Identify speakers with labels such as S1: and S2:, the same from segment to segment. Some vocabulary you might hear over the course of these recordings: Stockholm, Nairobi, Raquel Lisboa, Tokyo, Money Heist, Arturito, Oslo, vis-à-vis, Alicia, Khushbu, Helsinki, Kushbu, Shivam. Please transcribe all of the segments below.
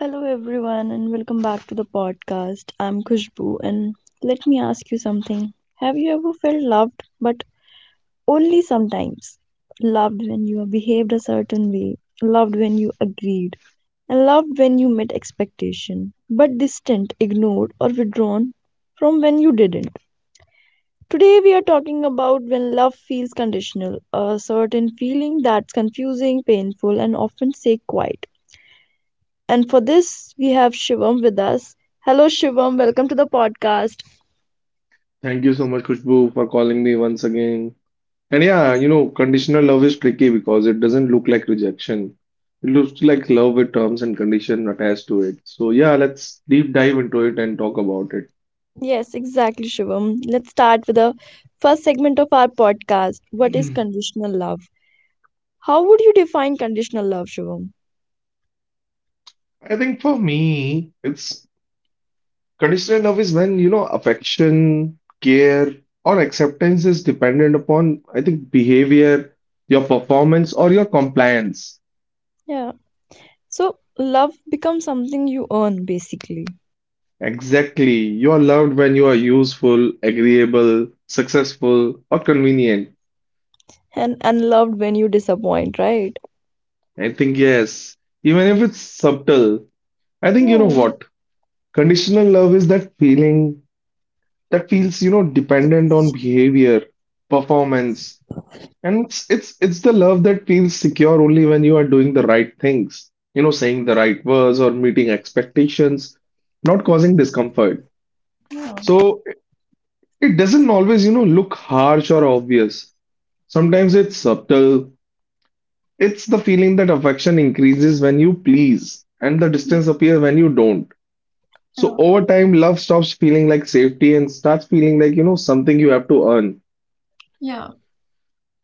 S1: Hello, everyone, and welcome back to the podcast. I'm Kushbu, and let me ask you something. Have you ever felt loved, but only sometimes? Loved when you behaved a certain way, loved when you agreed, and loved when you met expectation, but distant, ignored, or withdrawn from when you didn't. Today, we are talking about when love feels conditional, a certain feeling that's confusing, painful, and often say quiet. And for this, we have Shivam with us. Hello, Shivam. Welcome to the podcast.
S2: Thank you so much, Khushbu, for calling me once again. And yeah, you know, conditional love is tricky because it doesn't look like rejection. It looks like love with terms and conditions attached to it. So yeah, let's deep dive into it and talk about
S1: Yes, exactly, Shivam. Let's start with the first segment of our podcast. What is
S2: it.
S1: conditional love? How would you define conditional love, Shivam?
S2: I think for me, it's conditional love is when, you know, affection, care, or acceptance is dependent upon, I think, behavior, your performance, or your compliance.
S1: Yeah. So, love becomes something you earn, basically,
S2: Exactly. You are loved when you are useful, agreeable, successful, or convenient.
S1: and unloved when you disappoint, right?
S2: I think, yes, even if it's subtle, I think you know
S1: Yeah.
S2: what? Conditional love is that feeling that feels, you know, dependent on behavior, performance, and it's the love that feels secure only when you are doing the right things, you know, saying the right words or meeting expectations, not causing discomfort. So it doesn't always, you know, look harsh or obvious. Sometimes it's subtle. It's the feeling that affection increases when you please, and the distance appears when you don't. So
S1: Yeah,
S2: over time, love stops feeling like safety and starts feeling like, you know, something you have to earn.
S1: yeah,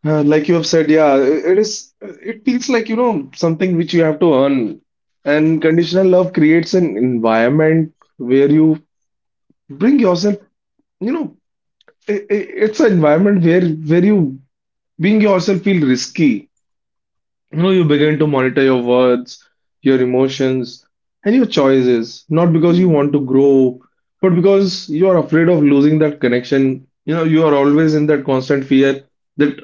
S2: Like you have said, yeah, it is, it feels like, you know, something which you have to earn. And conditional love creates an environment where you bring yourself, you know, it's an environment where you being yourself feel risky. You know, you begin to monitor your words, your emotions, and your choices, not because you want to grow, but because you are afraid of losing that connection. You know, you are always in that constant fear that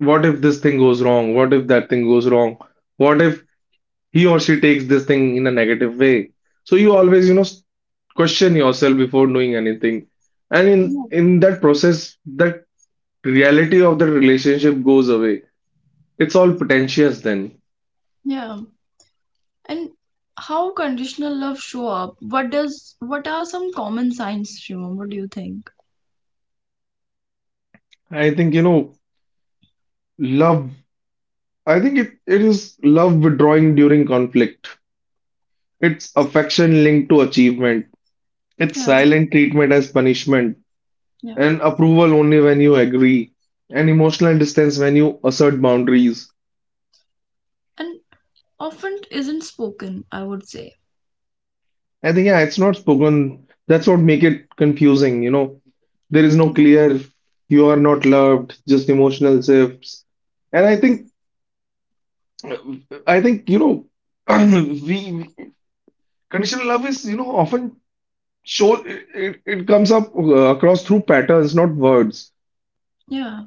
S2: what if this thing goes wrong? What if that thing goes wrong? What if he or she takes this thing in a negative way? So you always, you know, question yourself before doing anything. And in
S1: yeah,
S2: in that process, that reality of the relationship goes away. It's all pretentious then.
S1: yeah. And how conditional love show up? What are some common signs, Shivam? What do you think?
S2: I think, you know, love, I think it is love withdrawing during conflict. It's affection linked to achievement. It's
S1: Yeah,
S2: silent treatment as punishment,
S1: yeah.
S2: and approval only when you agree, and emotional distance when you assert boundaries.
S1: And often isn't spoken, I would say.
S2: I think, yeah, it's not spoken. That's what make it confusing, you know. There is no clear, you are not loved, just emotional shifts. And I think, you know, we we- conditional love is, you know, often show it comes up across through patterns not words,
S1: Yeah,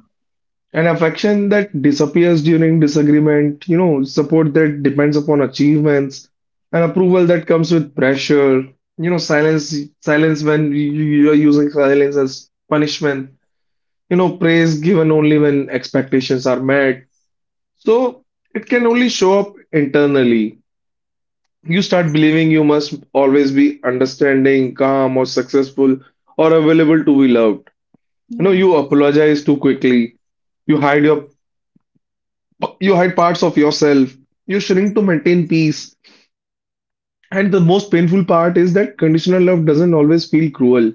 S2: an affection that disappears during disagreement, you know, support that depends upon achievements and approval that comes with pressure, you know, silence when you are using silence as punishment, you know, praise given only when expectations are met. So it can only show up internally. You start believing you must always be understanding, calm or successful or available to be loved. You know,
S1: yeah.
S2: you apologize too quickly. You hide your you hide parts of yourself. You shrink to maintain peace. And the most painful part is that conditional love doesn't always feel cruel.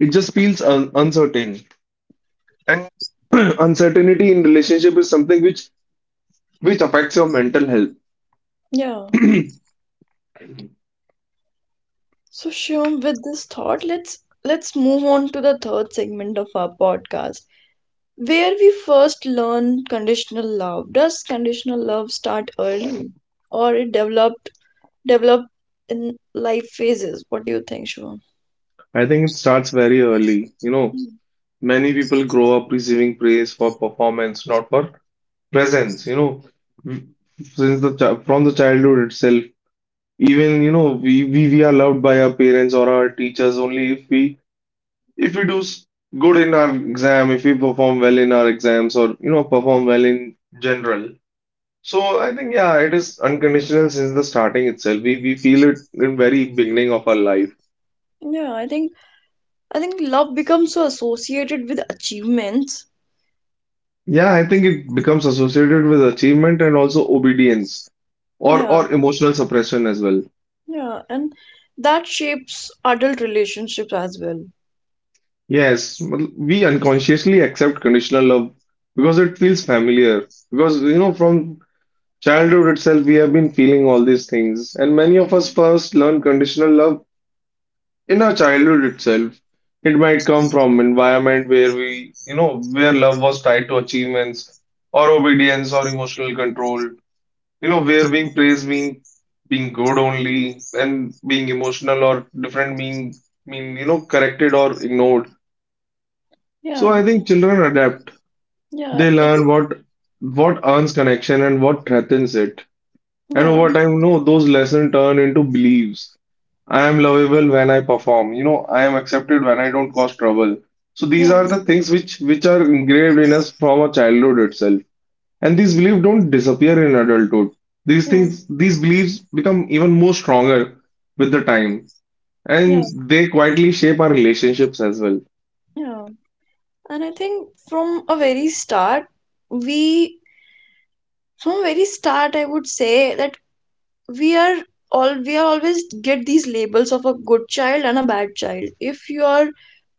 S2: It just feels un uncertain. And uncertainty in relationship is something which affects your mental health.
S1: Yeah. So Shyam, with this thought, let's move on to the third segment of our podcast, where we first learn conditional love. Does conditional love start early, or it develop in life phases? What do you think, Shivam?
S2: I think it starts very early. You know, many people grow up receiving praise for performance, not for presence. You know, from the childhood itself, even, you know, we are loved by our parents or our teachers only if we if we do s- good in our exam, if we perform well in our exams or, you know, perform well in general. So I think, yeah, it is unconditional since the starting itself. We feel it in very beginning of our life.
S1: Yeah, I think love becomes so associated with achievements.
S2: Yeah, I think it becomes associated with achievement and also obedience or
S1: Yeah,
S2: or emotional suppression as well.
S1: yeah, and that shapes adult relationships as well.
S2: Yes, मतलब we unconsciously accept conditional love because it feels familiar. Because you know from childhood itself, we have been feeling all these things, and many of us first learn conditional love in our childhood itself. It might come from environment where we, you know, where love was tied to achievements or obedience or emotional control, you know, where being praised mean being good only and being emotional or different mean, you know, corrected or ignored. So
S1: Yeah.
S2: I think children adapt.
S1: Yeah,
S2: They
S1: it's
S2: learn what earns connection and what threatens it. And
S1: yeah,
S2: over time, you know, those lessons turn into beliefs. I am lovable when I perform. You know, I am accepted when I don't cause trouble. So these
S1: yeah,
S2: are the things which are engraved in us from our childhood itself. And these beliefs don't disappear in adulthood. These
S1: yeah,
S2: things, these beliefs become even more stronger with the time,
S1: yeah,
S2: and they quietly shape our relationships as well.
S1: yeah. And I think from a very start, we from very start, I would say that we are we are always get these labels of a good child and a bad child. If you are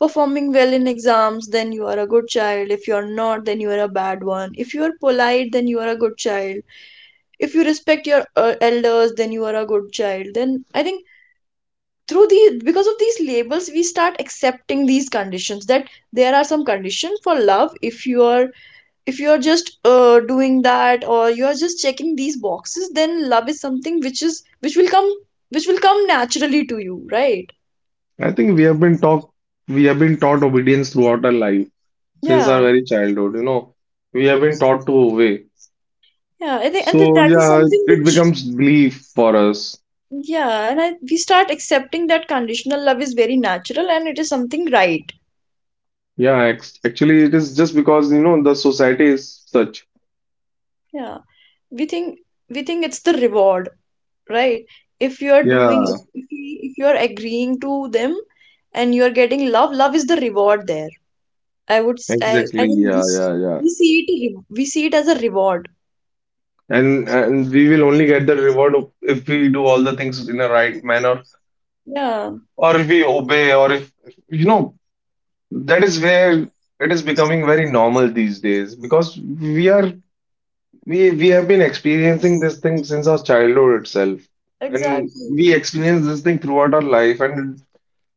S1: performing well in exams, then you are a good child. If you are not, then you are a bad one. If you are polite, then you are a good child. If you respect your elders, then you are a good child. Then I think through the because of these labels we start accepting these conditions that there are some conditions for love if you are just doing that, or you are just checking these boxes, then love is something which will come naturally to you, right?
S2: I think we have been taught obedience throughout our life since our
S1: Yeah,
S2: very childhood. You know, we have been taught to obey.
S1: yeah, I think, and th-
S2: So
S1: that is
S2: yeah,
S1: something
S2: it
S1: which...
S2: becomes belief for us.
S1: Yeah, and we start accepting that conditional love is very natural and it is something, right?
S2: Yeah, ex actually, it is just because you know the society is such.
S1: Yeah, we think we think it's the reward, right? If you are doing...
S2: Yeah,
S1: If you are agreeing to them, and you are getting love. Love is the reward there. I would s- I
S2: exactly.
S1: think this.
S2: Yeah.
S1: We see it as a reward.
S2: And we will only get the reward if we do all the things in a right manner,
S1: Yeah,
S2: or if we obey, or if you know that is where it is becoming very normal these days because we are we have been experiencing this thing since our childhood itself. And
S1: exactly.
S2: we experience this thing throughout our life, and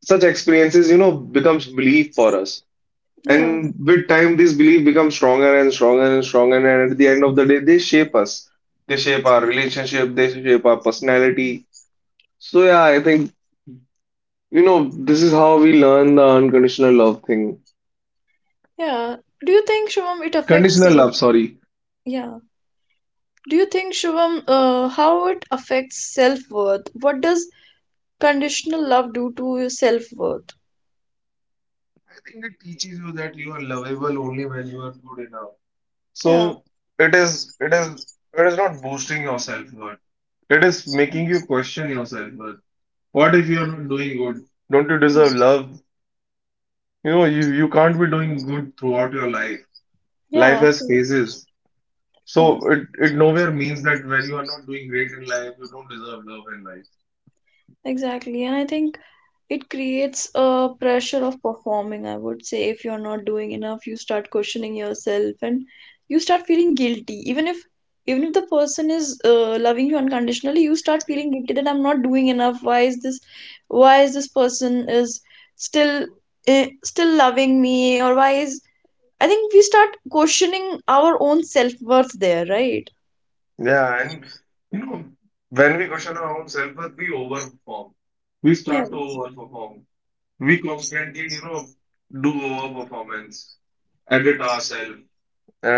S2: such experiences, you know, becomes belief for us.
S1: Yeah,
S2: And with time, this belief becomes stronger and stronger and stronger. And at the end of the day, they shape us. They shape our relationship. They shape our personality. So yeah, I think, you know, this is how we learn the unconditional love thing.
S1: yeah, do you think, Shivam, it affects
S2: Conditional
S1: self
S2: love, sorry.
S1: yeah, do you think, Shivam, how it affects self-worth? What does conditional love do to your self-worth?
S2: I think it teaches you that you are lovable only when you are good enough.
S1: Yeah,
S2: So it is, it is, it is not boosting your self-worth. It is making you question yourself. What if you're not doing good? Don't you deserve
S1: yeah.
S2: love? You know, you can't be doing good throughout your life.
S1: Yeah,
S2: Life
S1: of
S2: has
S1: course,
S2: phases.
S1: of course.
S2: So it nowhere means that when you are not doing great in life, you don't deserve love in life.
S1: Exactly, and I think it creates a pressure of performing, I would say. If you're not doing enough, you start questioning yourself, and you start feeling guilty. Even if the person is loving you unconditionally, you start feeling guilty that I'm not doing enough. Why is this person is still still loving me? Or why is I think we start questioning our own self-worth there, right?
S2: Yeah, and you know, when we question our own self-worth, we overperform. We
S1: Yeah,
S2: start to overperform. We constantly, you know, do overperformance, edit ourselves.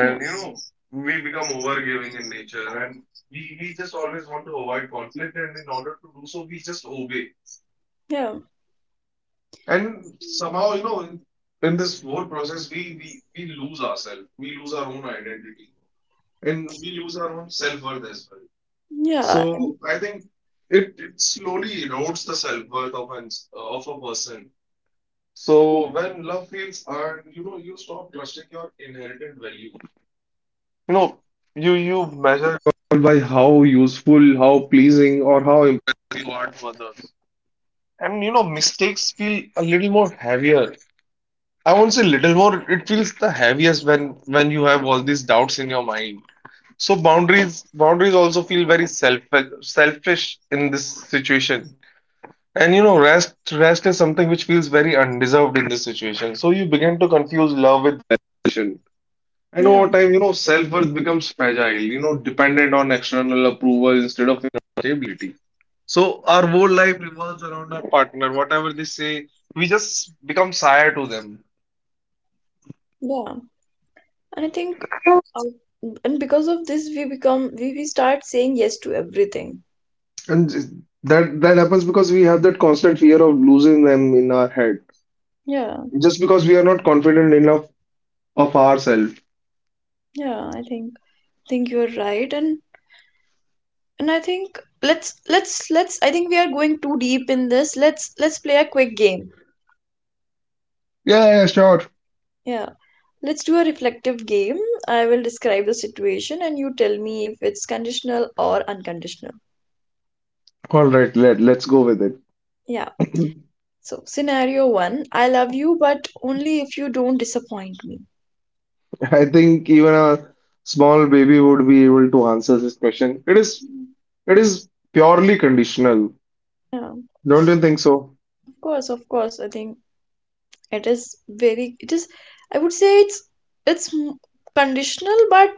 S1: yeah,
S2: you know, we become overgiving in nature and we just always want to avoid conflict and in order to do so we just obey.
S1: yeah,
S2: And somehow, you know, in this whole process we lose ourselves. We lose our own identity and we lose our own self-worth as well.
S1: yeah,
S2: So I think it slowly erodes the self-worth of of a person. So when love feels earned, you know, you stop trusting your inherited value. You know, you measure all by how useful, how pleasing, or how impressive you are to others. And you know, mistakes feel a little more heavier. I won't say little more, it feels the heaviest when you have all these doubts in your mind. So boundaries also feel very selfish in this situation. And you know, rest is something which feels very undeserved in this situation. So you begin to confuse love with impassioned. And
S1: yeah,
S2: over time, you know, self-worth becomes fragile, you know, dependent on external approval instead of inner stability. So our whole life revolves around our partner. Whatever they say, we just become sire to them.
S1: yeah, and I think, uh, and because of this, we start saying yes to everything.
S2: And that happens because we have that constant fear of losing them in our head.
S1: Yeah,
S2: Just because we are not confident enough of ourselves.
S1: yeah, I think you're right, and I think... let's I think we are going too deep in this. Let's play a quick game.
S2: Yeah, yeah, sure.
S1: Yeah, let's do a reflective game. I will describe the situation, and you tell me if it's conditional or unconditional.
S2: All right, let's go with it.
S1: Yeah, so scenario 1, I love you, but only if you don't disappoint me.
S2: I think even a small baby would be able to answer this question.
S1: Mm.
S2: It is purely conditional.
S1: Yeah, of
S2: Don't you think so?
S1: course, of course, I think it is. Very, it is I would say, it's conditional. But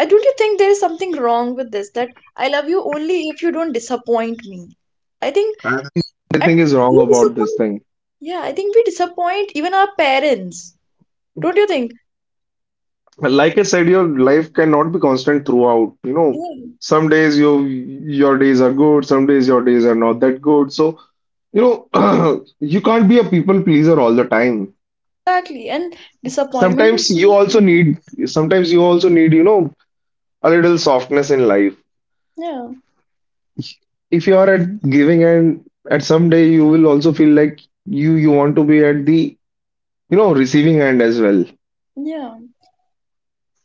S1: I don't you think there is something wrong with this, that I love you only if you don't disappoint me? I think...
S2: And
S1: at
S2: everything is wrong
S1: we
S2: about this
S1: disappoint.
S2: thing.
S1: Yeah, I think we disappoint even our parents, don't you think?
S2: Like I said, your life cannot be constant throughout. You know,
S1: Yeah,
S2: some days you your days are good, some days your days are not that good. So, you know, you can't be a people pleaser all the time.
S1: exactly. And disappointment is... yeah,
S2: Sometimes you also need, you know, a little softness in life.
S1: yeah,
S2: If you are at giving end, at some day you will also feel like you want to be at the, you know, receiving end as well.
S1: yeah.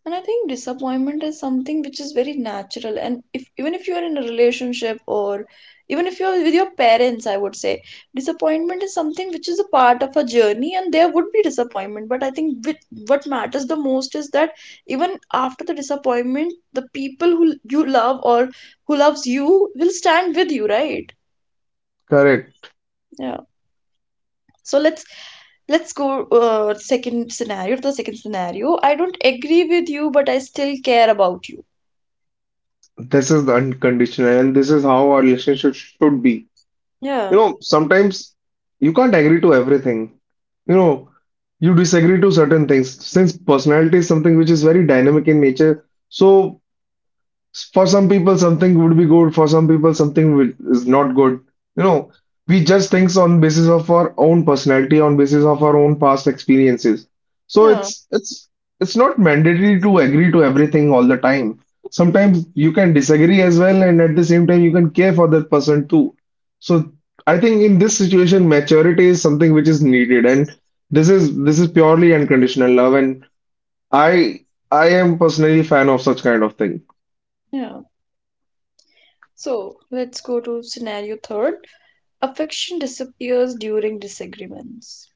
S1: And I think disappointment is something which is very natural, and if even if you are in a relationship, or even if you're with your parents, I would say disappointment is something which is a part of a journey, and there would be disappointment. But I think, what matters the most is that even after the disappointment, the people who you love or who loves you will stand with you, right?
S2: Correct.
S1: Yeah, so let's... go second scenario. To the second scenario: I don't agree with you, but I still care about you.
S2: This is the unconditional, and this is how our relationship should be.
S1: Yeah,
S2: You know, sometimes you can't agree to everything. You know, you disagree to certain things. Since personality is something which is very dynamic in nature, so for some people, something would be good. For some people, something will, is not good. You know, we judge things on basis of our own personality, on basis of our own past experiences. So
S1: yeah.
S2: it's it's not mandatory to agree to everything all the time. Sometimes you can disagree as well, and at the same time, you can care for that person too. So I think in this situation, maturity is something which is needed, and this is purely unconditional love, and I I am personally a fan of such kind of thing.
S1: Yeah. So let's go to scenario third. Affection disappears during disagreements.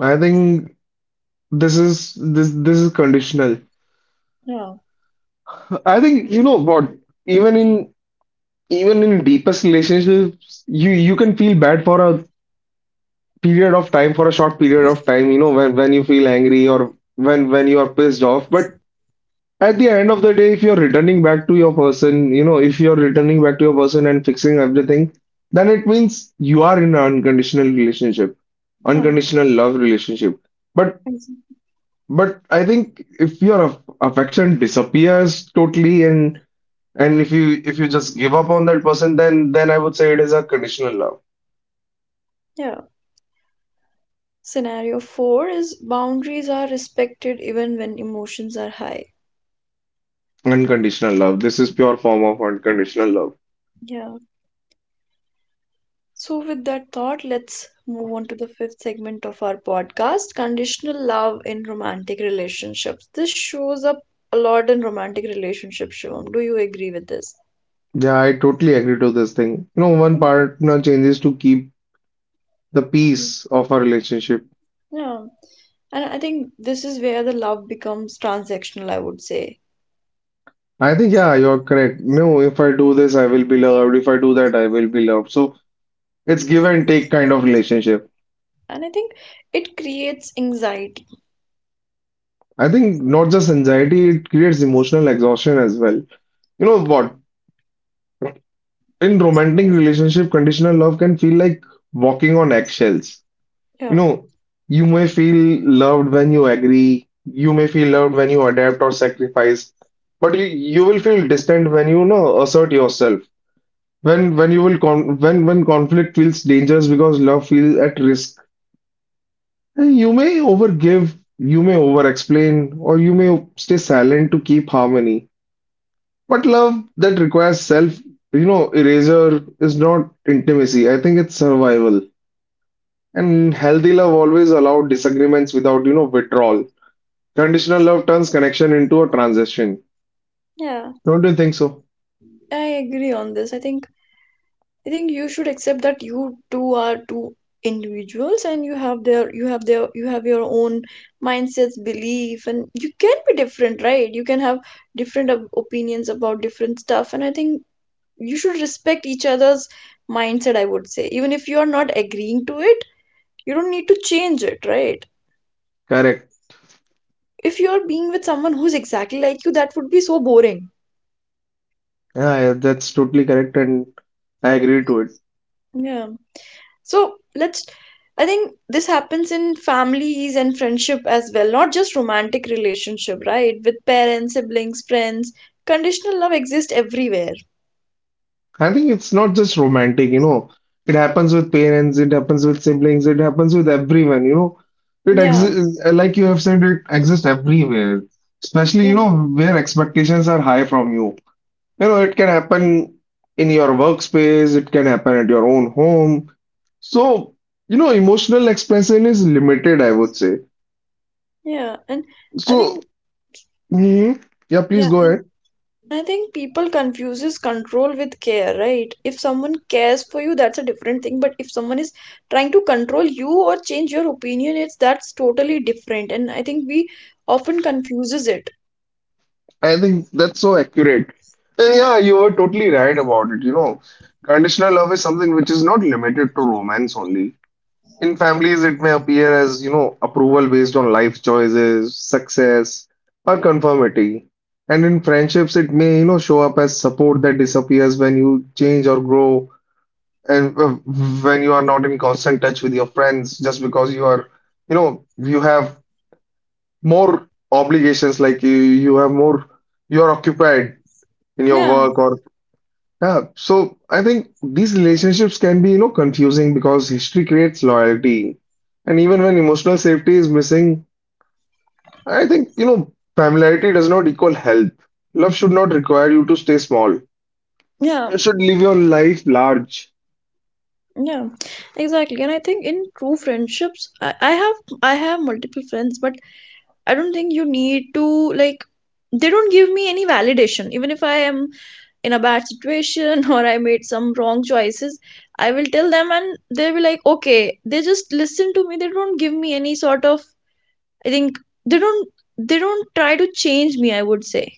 S2: I think this is this is conditional.
S1: Yeah.
S2: I think you know what, even in even in deepest relationships, you can feel bad for a period of time, for a short period of time, you know, when you feel angry or when you are pissed off. But at the end of the day, if you're returning back to your person, you know, if you're returning back to your person and fixing everything, then it means you are in an unconditional relationship,
S1: Yeah.
S2: unconditional love relationship. But
S1: ex-
S2: But I think if your affection disappears totally and if you just give up on that person, then I would say it is a conditional love.
S1: Yeah. Scenario four is boundaries are respected even when emotions are high.
S2: Unconditional love. This is pure form of unconditional love.
S1: Yeah. So with that thought, let's move on to the fifth segment of our podcast, conditional love in romantic relationships. This shows up a lot in romantic relationships, Shivam. Do you agree with this?
S2: Yeah, I totally agree to this thing. You know, one
S1: Mm,
S2: partner changes to keep the
S1: mm.
S2: peace of a relationship.
S1: Yeah. And I think this is where the love becomes transactional, I would say.
S2: I think yeah, you're correct. No, if I do this, I will be loved. If I do that, I will be loved. So it's give and take kind of relationship.
S1: And I think it creates anxiety.
S2: I think not just anxiety, it creates emotional exhaustion as well. You know what, in romantic relationship, conditional love can feel like walking on eggshells. You
S1: Yeah.
S2: know, you may feel loved when you agree, you may feel loved when you adapt or sacrifice, but you will feel distant when you know, assert yourself. When you will con when conflict feels dangerous because love feels at risk, and you may overgive, you may overexplain, or you may stay silent to keep harmony. But love that requires self, you know, erasure is not intimacy. I think it's survival. And healthy love always allow disagreements without, you know, withdrawal. Conditional love turns connection into a transaction.
S1: Yeah.
S2: Don't you think so?
S1: I agree on this. I think you should accept that you two are two individuals, and you have your own mindsets, belief, and you can be different, right? You can have different opinions about different stuff, and I think you should respect each other's mindset, I would say. Even if you are not agreeing to it, you don't need to change it, right?
S2: Correct.
S1: If you're being with someone who's exactly like you, that would be so boring.
S2: Yeah, yeah, that's totally correct, and I agree to it.
S1: Yeah. So, I think this happens in families and friendship as well, not just romantic relationship, right? With parents, siblings, friends. Conditional love exists everywhere.
S2: I think it's not just romantic, you know. It happens with parents, it happens with siblings, it happens with everyone, you know. It
S1: Yeah,
S2: exists, like you have said, it exists everywhere, especially,
S1: yeah,
S2: you know, where expectations are high from you. You know, it can happen in your workspace, it can happen at your own home. So, you know, emotional expression is limited, I would say.
S1: yeah. And I
S2: So,
S1: think,
S2: mhm, yeah, please
S1: yeah.
S2: go ahead.
S1: I think people confuses control with care, right? If someone cares for you, that's a different thing. But if someone is trying to control you or change your opinion, it's that's totally different. And I think we often confuses it.
S2: I think that's so accurate. And
S1: Yeah,
S2: yeah, you were totally right about it. You know, conditional love is something which is not limited to romance only. In families, it may appear as, you know, approval based on life choices, success, or conformity. And in friendships, it may, you know, show up as support that disappears when you change or grow, and when you are not in constant touch with your friends, just because you are, you know, you have more obligations, like you have more, you are occupied in your
S1: yeah,
S2: work or yeah, so I think these relationships can be, you know, confusing because history creates loyalty. And even when emotional safety is missing, I think, you know, familiarity does not equal health. Love should not require you to stay small.
S1: yeah,
S2: You should live your life large.
S1: yeah. Exactly. And I think in true friendships, I have multiple friends, but I don't think you need to like... They don't give me any validation. Even if I am in a bad situation, or I made some wrong choices, I will tell them, and they'll be like, okay, they just listen to me. They don't give me any I think they don't, they don't try to change me, I would say.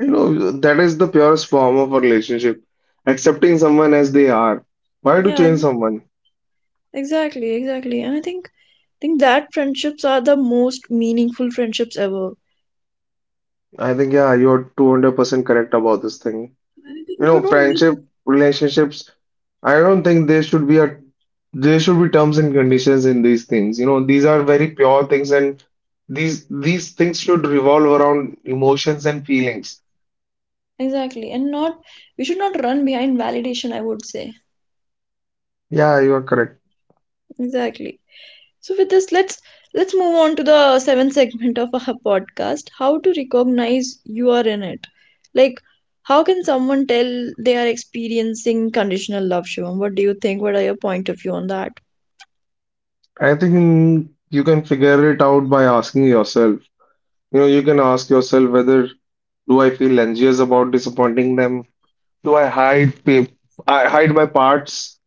S2: You know, that is the purest form of a relationship. Accepting someone as they are. Why to
S1: Yeah,
S2: change someone?
S1: exactly, exactly. And I think that friendships are the most meaningful friendships ever.
S2: I think, yeah, you're 200% correct about this thing.
S1: And I think
S2: You
S1: you
S2: know,
S1: don't need...
S2: friendship, relationships. I don't think there should be a there should be terms and conditions in these things. You know, these are very pure things and these things should revolve around emotions and feelings.
S1: exactly. And not, we should not run behind validation, I would say.
S2: Yeah, you are correct.
S1: Exactly. So with this, let's move on to the seventh segment of our podcast, how to recognize you are in it. Like, how can someone tell they are experiencing conditional love, Shivam? What do you think? What are your point of view on that?
S2: I think you can figure it out by asking yourself. You know, you can ask yourself whether do I feel anxious about disappointing them? Do I hide my parts,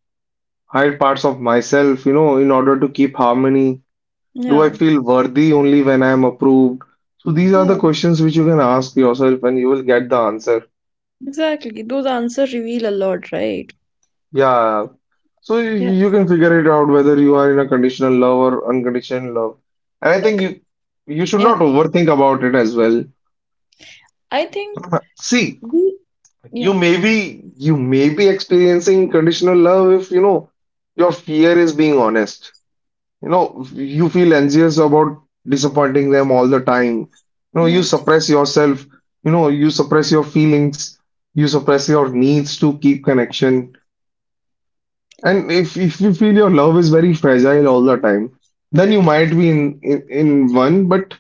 S2: hide parts of myself, you know, in order to keep harmony? Do I
S1: Yeah,
S2: feel worthy only when I am approved? So these are the
S1: yeah,
S2: questions which you can ask yourself and you will get the answer.
S1: exactly. Those answers reveal a lot, right?
S2: Yeah. So you,
S1: Yeah,
S2: you can figure it out whether you are in a conditional love or unconditional love. And I think you should
S1: yeah.
S2: not overthink about it as well.
S1: I think
S2: See,
S1: we,
S2: you
S1: yeah,
S2: may be you may be experiencing conditional love if you know your fear is being honest. You know, you feel anxious about disappointing them all the time. You know,
S1: yeah.
S2: you suppress yourself, you know, you suppress your feelings, you suppress your needs to keep connection. And if you feel your love is very fragile all the time, then you might be in in one, but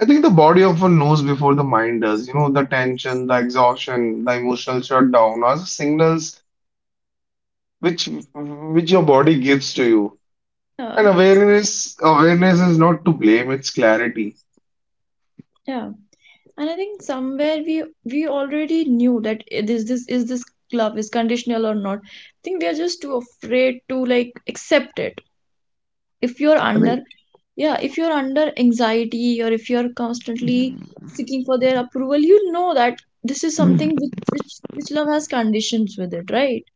S2: I think the body often knows before the mind does. You know, the tension, the exhaustion, the emotional shutdown are signals which which your body gives to you.
S1: Yeah.
S2: And awareness is not to blame, it's clarity.
S1: Yeah. And I think somewhere we already knew that, it is this love is conditional or not. I think we are just too afraid to like accept it. If you're
S2: I think,
S1: under Yeah, if you're under anxiety, or if you're constantly seeking for their approval, you know that this is
S2: mm,
S1: something which love has conditions with it, right?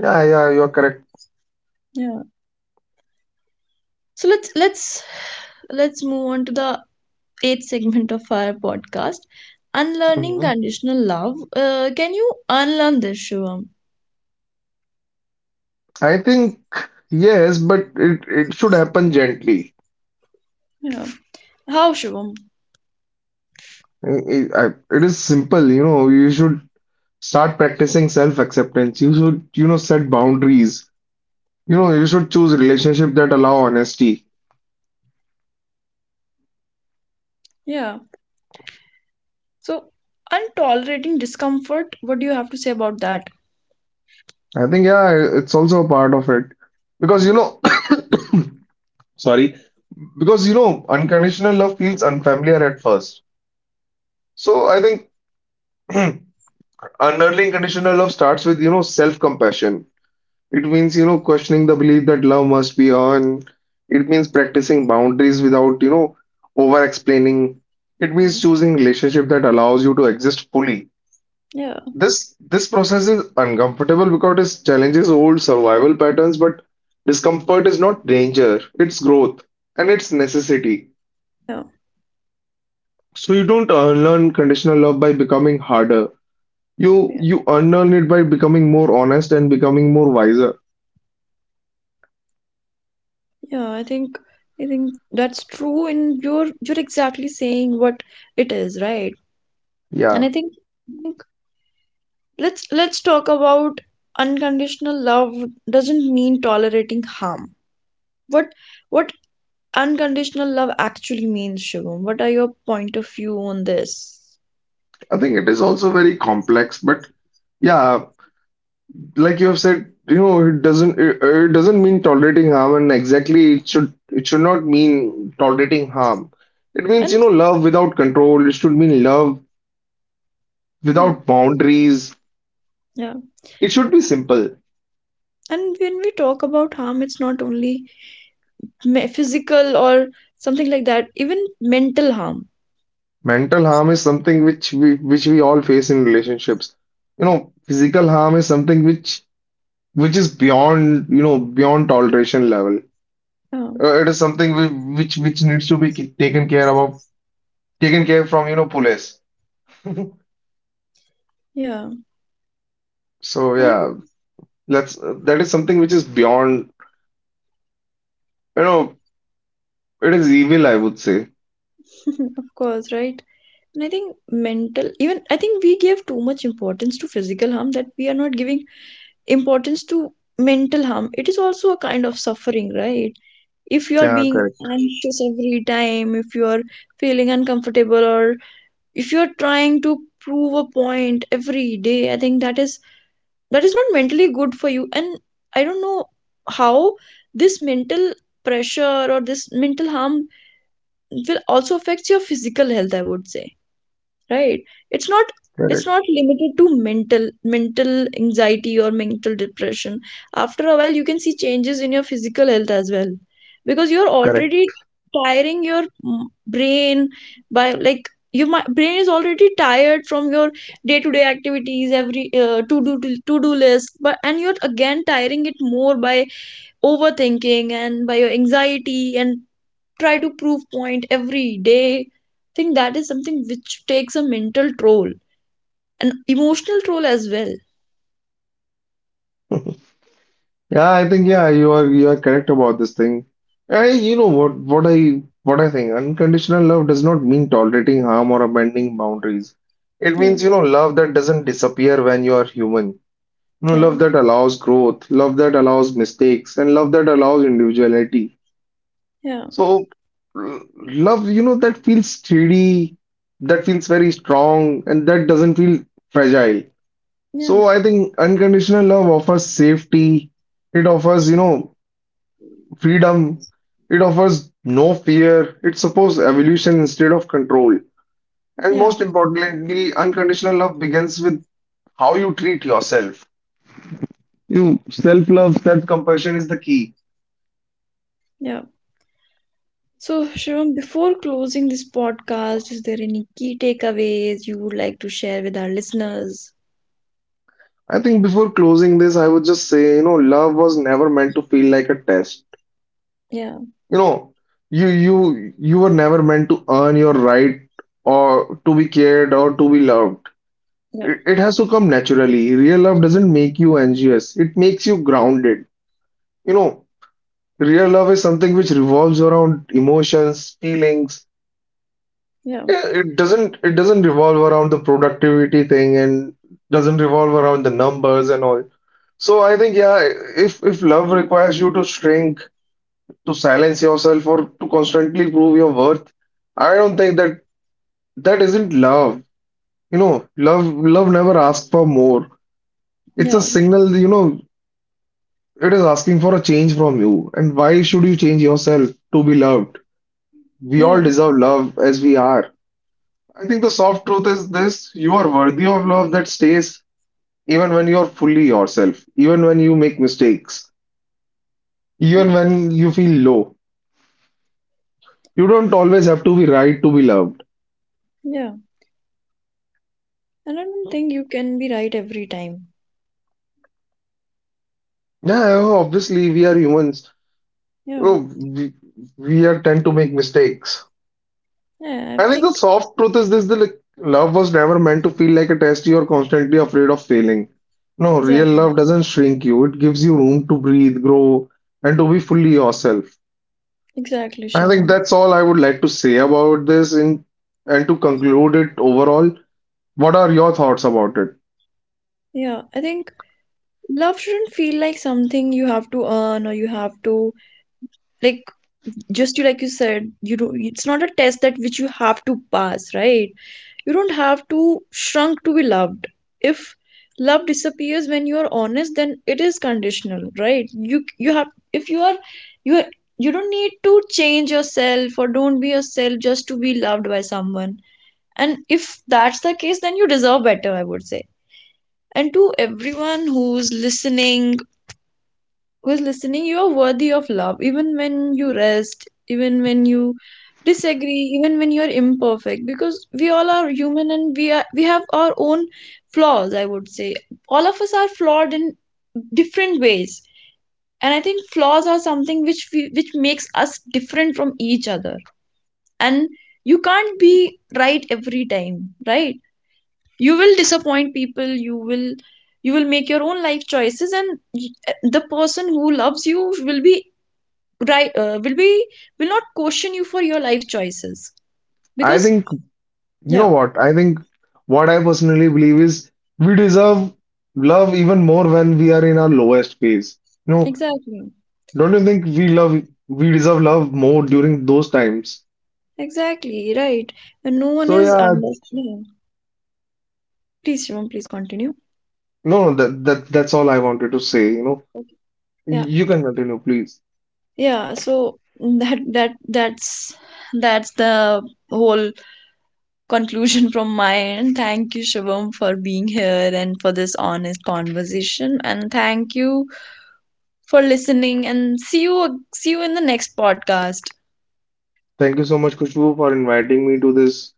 S2: yeah, yeah, you're correct.
S1: Yeah. So let's move on to the eighth segment of our podcast. Unlearning
S2: Hmm.
S1: conditional love. Can you unlearn this, Shivam?
S2: I think yes, but it should happen gently.
S1: Yeah. How, Shivam?
S2: It is simple, you know. You should start practicing self-acceptance. You should, you know, set boundaries. You know, you should choose relationship that allow honesty.
S1: Yeah. So, untolerating discomfort, what do you have to say about that?
S2: I think, yeah, it's also a part of it because you know, sorry, because you know, unconditional love feels unfamiliar at first. So I think unearthing conditional love starts with, you know, self-compassion. It means, you know, questioning the belief that love must be earned. It means practicing boundaries without, you know, over explaining. It means choosing relationship that allows you to exist fully.
S1: Yeah.
S2: This process is uncomfortable because it challenges old survival patterns, but discomfort is not danger, it's growth and it's necessity.
S1: Yeah.
S2: So you don't unlearn conditional love by becoming harder. You
S1: Yeah.
S2: you unlearn it by becoming more honest and becoming more wiser.
S1: Yeah, I think that's true, and you're exactly saying what it is, right? And
S2: Yeah.
S1: I think let's talk about unconditional love doesn't mean tolerating harm. What what unconditional love actually means, Shivam? What are your point of view on this?
S2: I think it is also very complex, but yeah, like you have said, you know, it doesn't mean tolerating harm, and exactly it should not mean tolerating harm. It means, you
S1: And
S2: know, love without control. It should mean love
S1: yeah,
S2: without boundaries.
S1: yeah.
S2: It should be simple.
S1: And when we talk about harm, it's not only physical, or something like that, even mental harm.
S2: Mental harm is something which we all face in relationships. You know, physical harm is something which is beyond, you know, beyond toleration level.
S1: Yeah,
S2: It is something which needs to be taken care of, taken care from, you know, police.
S1: yeah.
S2: So
S1: And I think,
S2: yeah, let's that is something which is beyond, you know, it is evil, I would say.
S1: of course, right? And I think even I think we give too much importance to physical harm, that we are not giving importance to mental harm. It is also a kind of suffering, right? If you are
S2: Yeah,
S1: being
S2: correct,
S1: anxious every time, if you are feeling uncomfortable, or if you are trying to prove a point every day, I think that is not mentally good for you. And I don't know how this mental pressure or this mental harm will also affect your physical health, I would say, right? it's not it's
S2: correct,
S1: not limited to mental anxiety or mental depression. After a while, you can see changes in your physical health as well, because you're
S2: correct.
S1: already tiring your brain, by like your brain is already tired from your day to day activities, every to do list, but and you're again tiring it more by overthinking and by your anxiety and try to prove point every day. I think that is something which takes a mental toll, an emotional toll as well.
S2: Yeah, I think yeah, you are correct about this thing. I, you know what I think, unconditional love does not mean tolerating harm or abandoning boundaries. It
S1: Yeah,
S2: means, you know, love that doesn't disappear when you are human. You know,
S1: yeah,
S2: love that allows growth, love that allows mistakes, and love that allows individuality.
S1: yeah,
S2: So, l- love, you know, that feels steady, that feels very strong, and that doesn't feel fragile.
S1: yeah,
S2: So, I think unconditional love offers safety, it offers, you know, freedom, it offers no fear, it supports evolution instead of control. And
S1: yeah,
S2: most importantly, unconditional love begins with how you treat yourself. You self-love, self-compassion is the key.
S1: yeah. So, Shivam, before closing this podcast, is there any key takeaways you would like to share with our listeners?
S2: I think before closing this, I would just say, you know, love was never meant to feel like a test.
S1: Yeah,
S2: You know, you were never meant to earn your right or to be cared or to be loved.
S1: yeah,
S2: It has to come naturally. Real love doesn't make you anxious. It makes you grounded. You know, real love is something which revolves around emotions, feelings.
S1: yeah,
S2: Yeah, it doesn't revolve around the productivity thing and doesn't revolve around the numbers and all. So I think yeah, if love requires you to shrink, to silence yourself or to constantly prove your worth. I don't think that that isn't love. You know, love never asks for more. It's a
S1: yeah,
S2: signal, you know, it is asking for a change from you. And why should you change yourself to be loved? We all
S1: yeah,
S2: deserve love as we are. I think the soft truth is this, you are worthy of love that stays even when you are fully yourself, even when you make mistakes, even
S1: yeah,
S2: when you feel low. You don't always have to be right to be loved.
S1: yeah. And I don't think you can be right every time.
S2: Yeah, obviously we are humans.
S1: Yeah,
S2: Oh, we are tend to make mistakes.
S1: yeah, I
S2: I think the
S1: think,
S2: soft truth is this, the like, love was never meant to feel like a test you are constantly afraid of failing. No, real
S1: exactly,
S2: love doesn't shrink you. It gives you room to breathe, grow, and to be fully yourself.
S1: exactly,
S2: I think
S1: Shivam.
S2: that's all I would like to say about this in and to conclude it overall. What are your thoughts about it?
S1: Yeah, I think love shouldn't feel like something you have to earn, or you have to, like, just you like you said, you don't it's not a test that which you have to pass, right? You don't have to shrunk to be loved. If love disappears when you are honest, then it is conditional, right? You have if you are you are, you don't need to change yourself, or don't be yourself just to be loved by someone. And if that's the case, then you deserve better, I would say. And to everyone who is listening, you are worthy of love, even when you rest, even when you disagree, even when you are imperfect, because we all are human, and we have our own flaws. I would say all of us are flawed in different ways, and I think flaws are something which makes us different from each other, and you can't be right every time, right? You will disappoint people. You will make your own life choices, and the person who loves you will be right, will not question you for your life choices,
S2: I
S1: because...
S2: think, you know
S1: Yeah,
S2: what? I think what I personally believe is we deserve love even more when we are in our lowest phase. No,
S1: exactly.
S2: don't you think we deserve love more during those times?
S1: Exactly, right. And no one
S2: So
S1: is
S2: yeah,
S1: understanding. Please, Shivam, please continue.
S2: no, that that's all I wanted to say. You know,
S1: Okay. Yeah,
S2: you can continue, please.
S1: yeah. So that that that's that's the whole conclusion from my end. Thank you, Shivam, for being here and for this honest conversation. And thank you for listening. And see you in the next podcast.
S2: Thank you so much, Kushbu, for inviting me to this,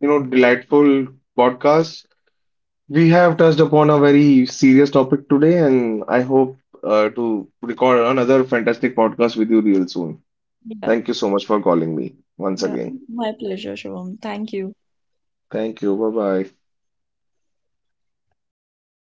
S2: you know, delightful podcast. We have touched upon a very serious topic today, and I hope to record another fantastic podcast with you real soon.
S1: Yeah.
S2: Thank you so much for calling me once
S1: Yeah,
S2: again.
S1: my pleasure, Shivam. Thank you.
S2: Thank you. Bye bye.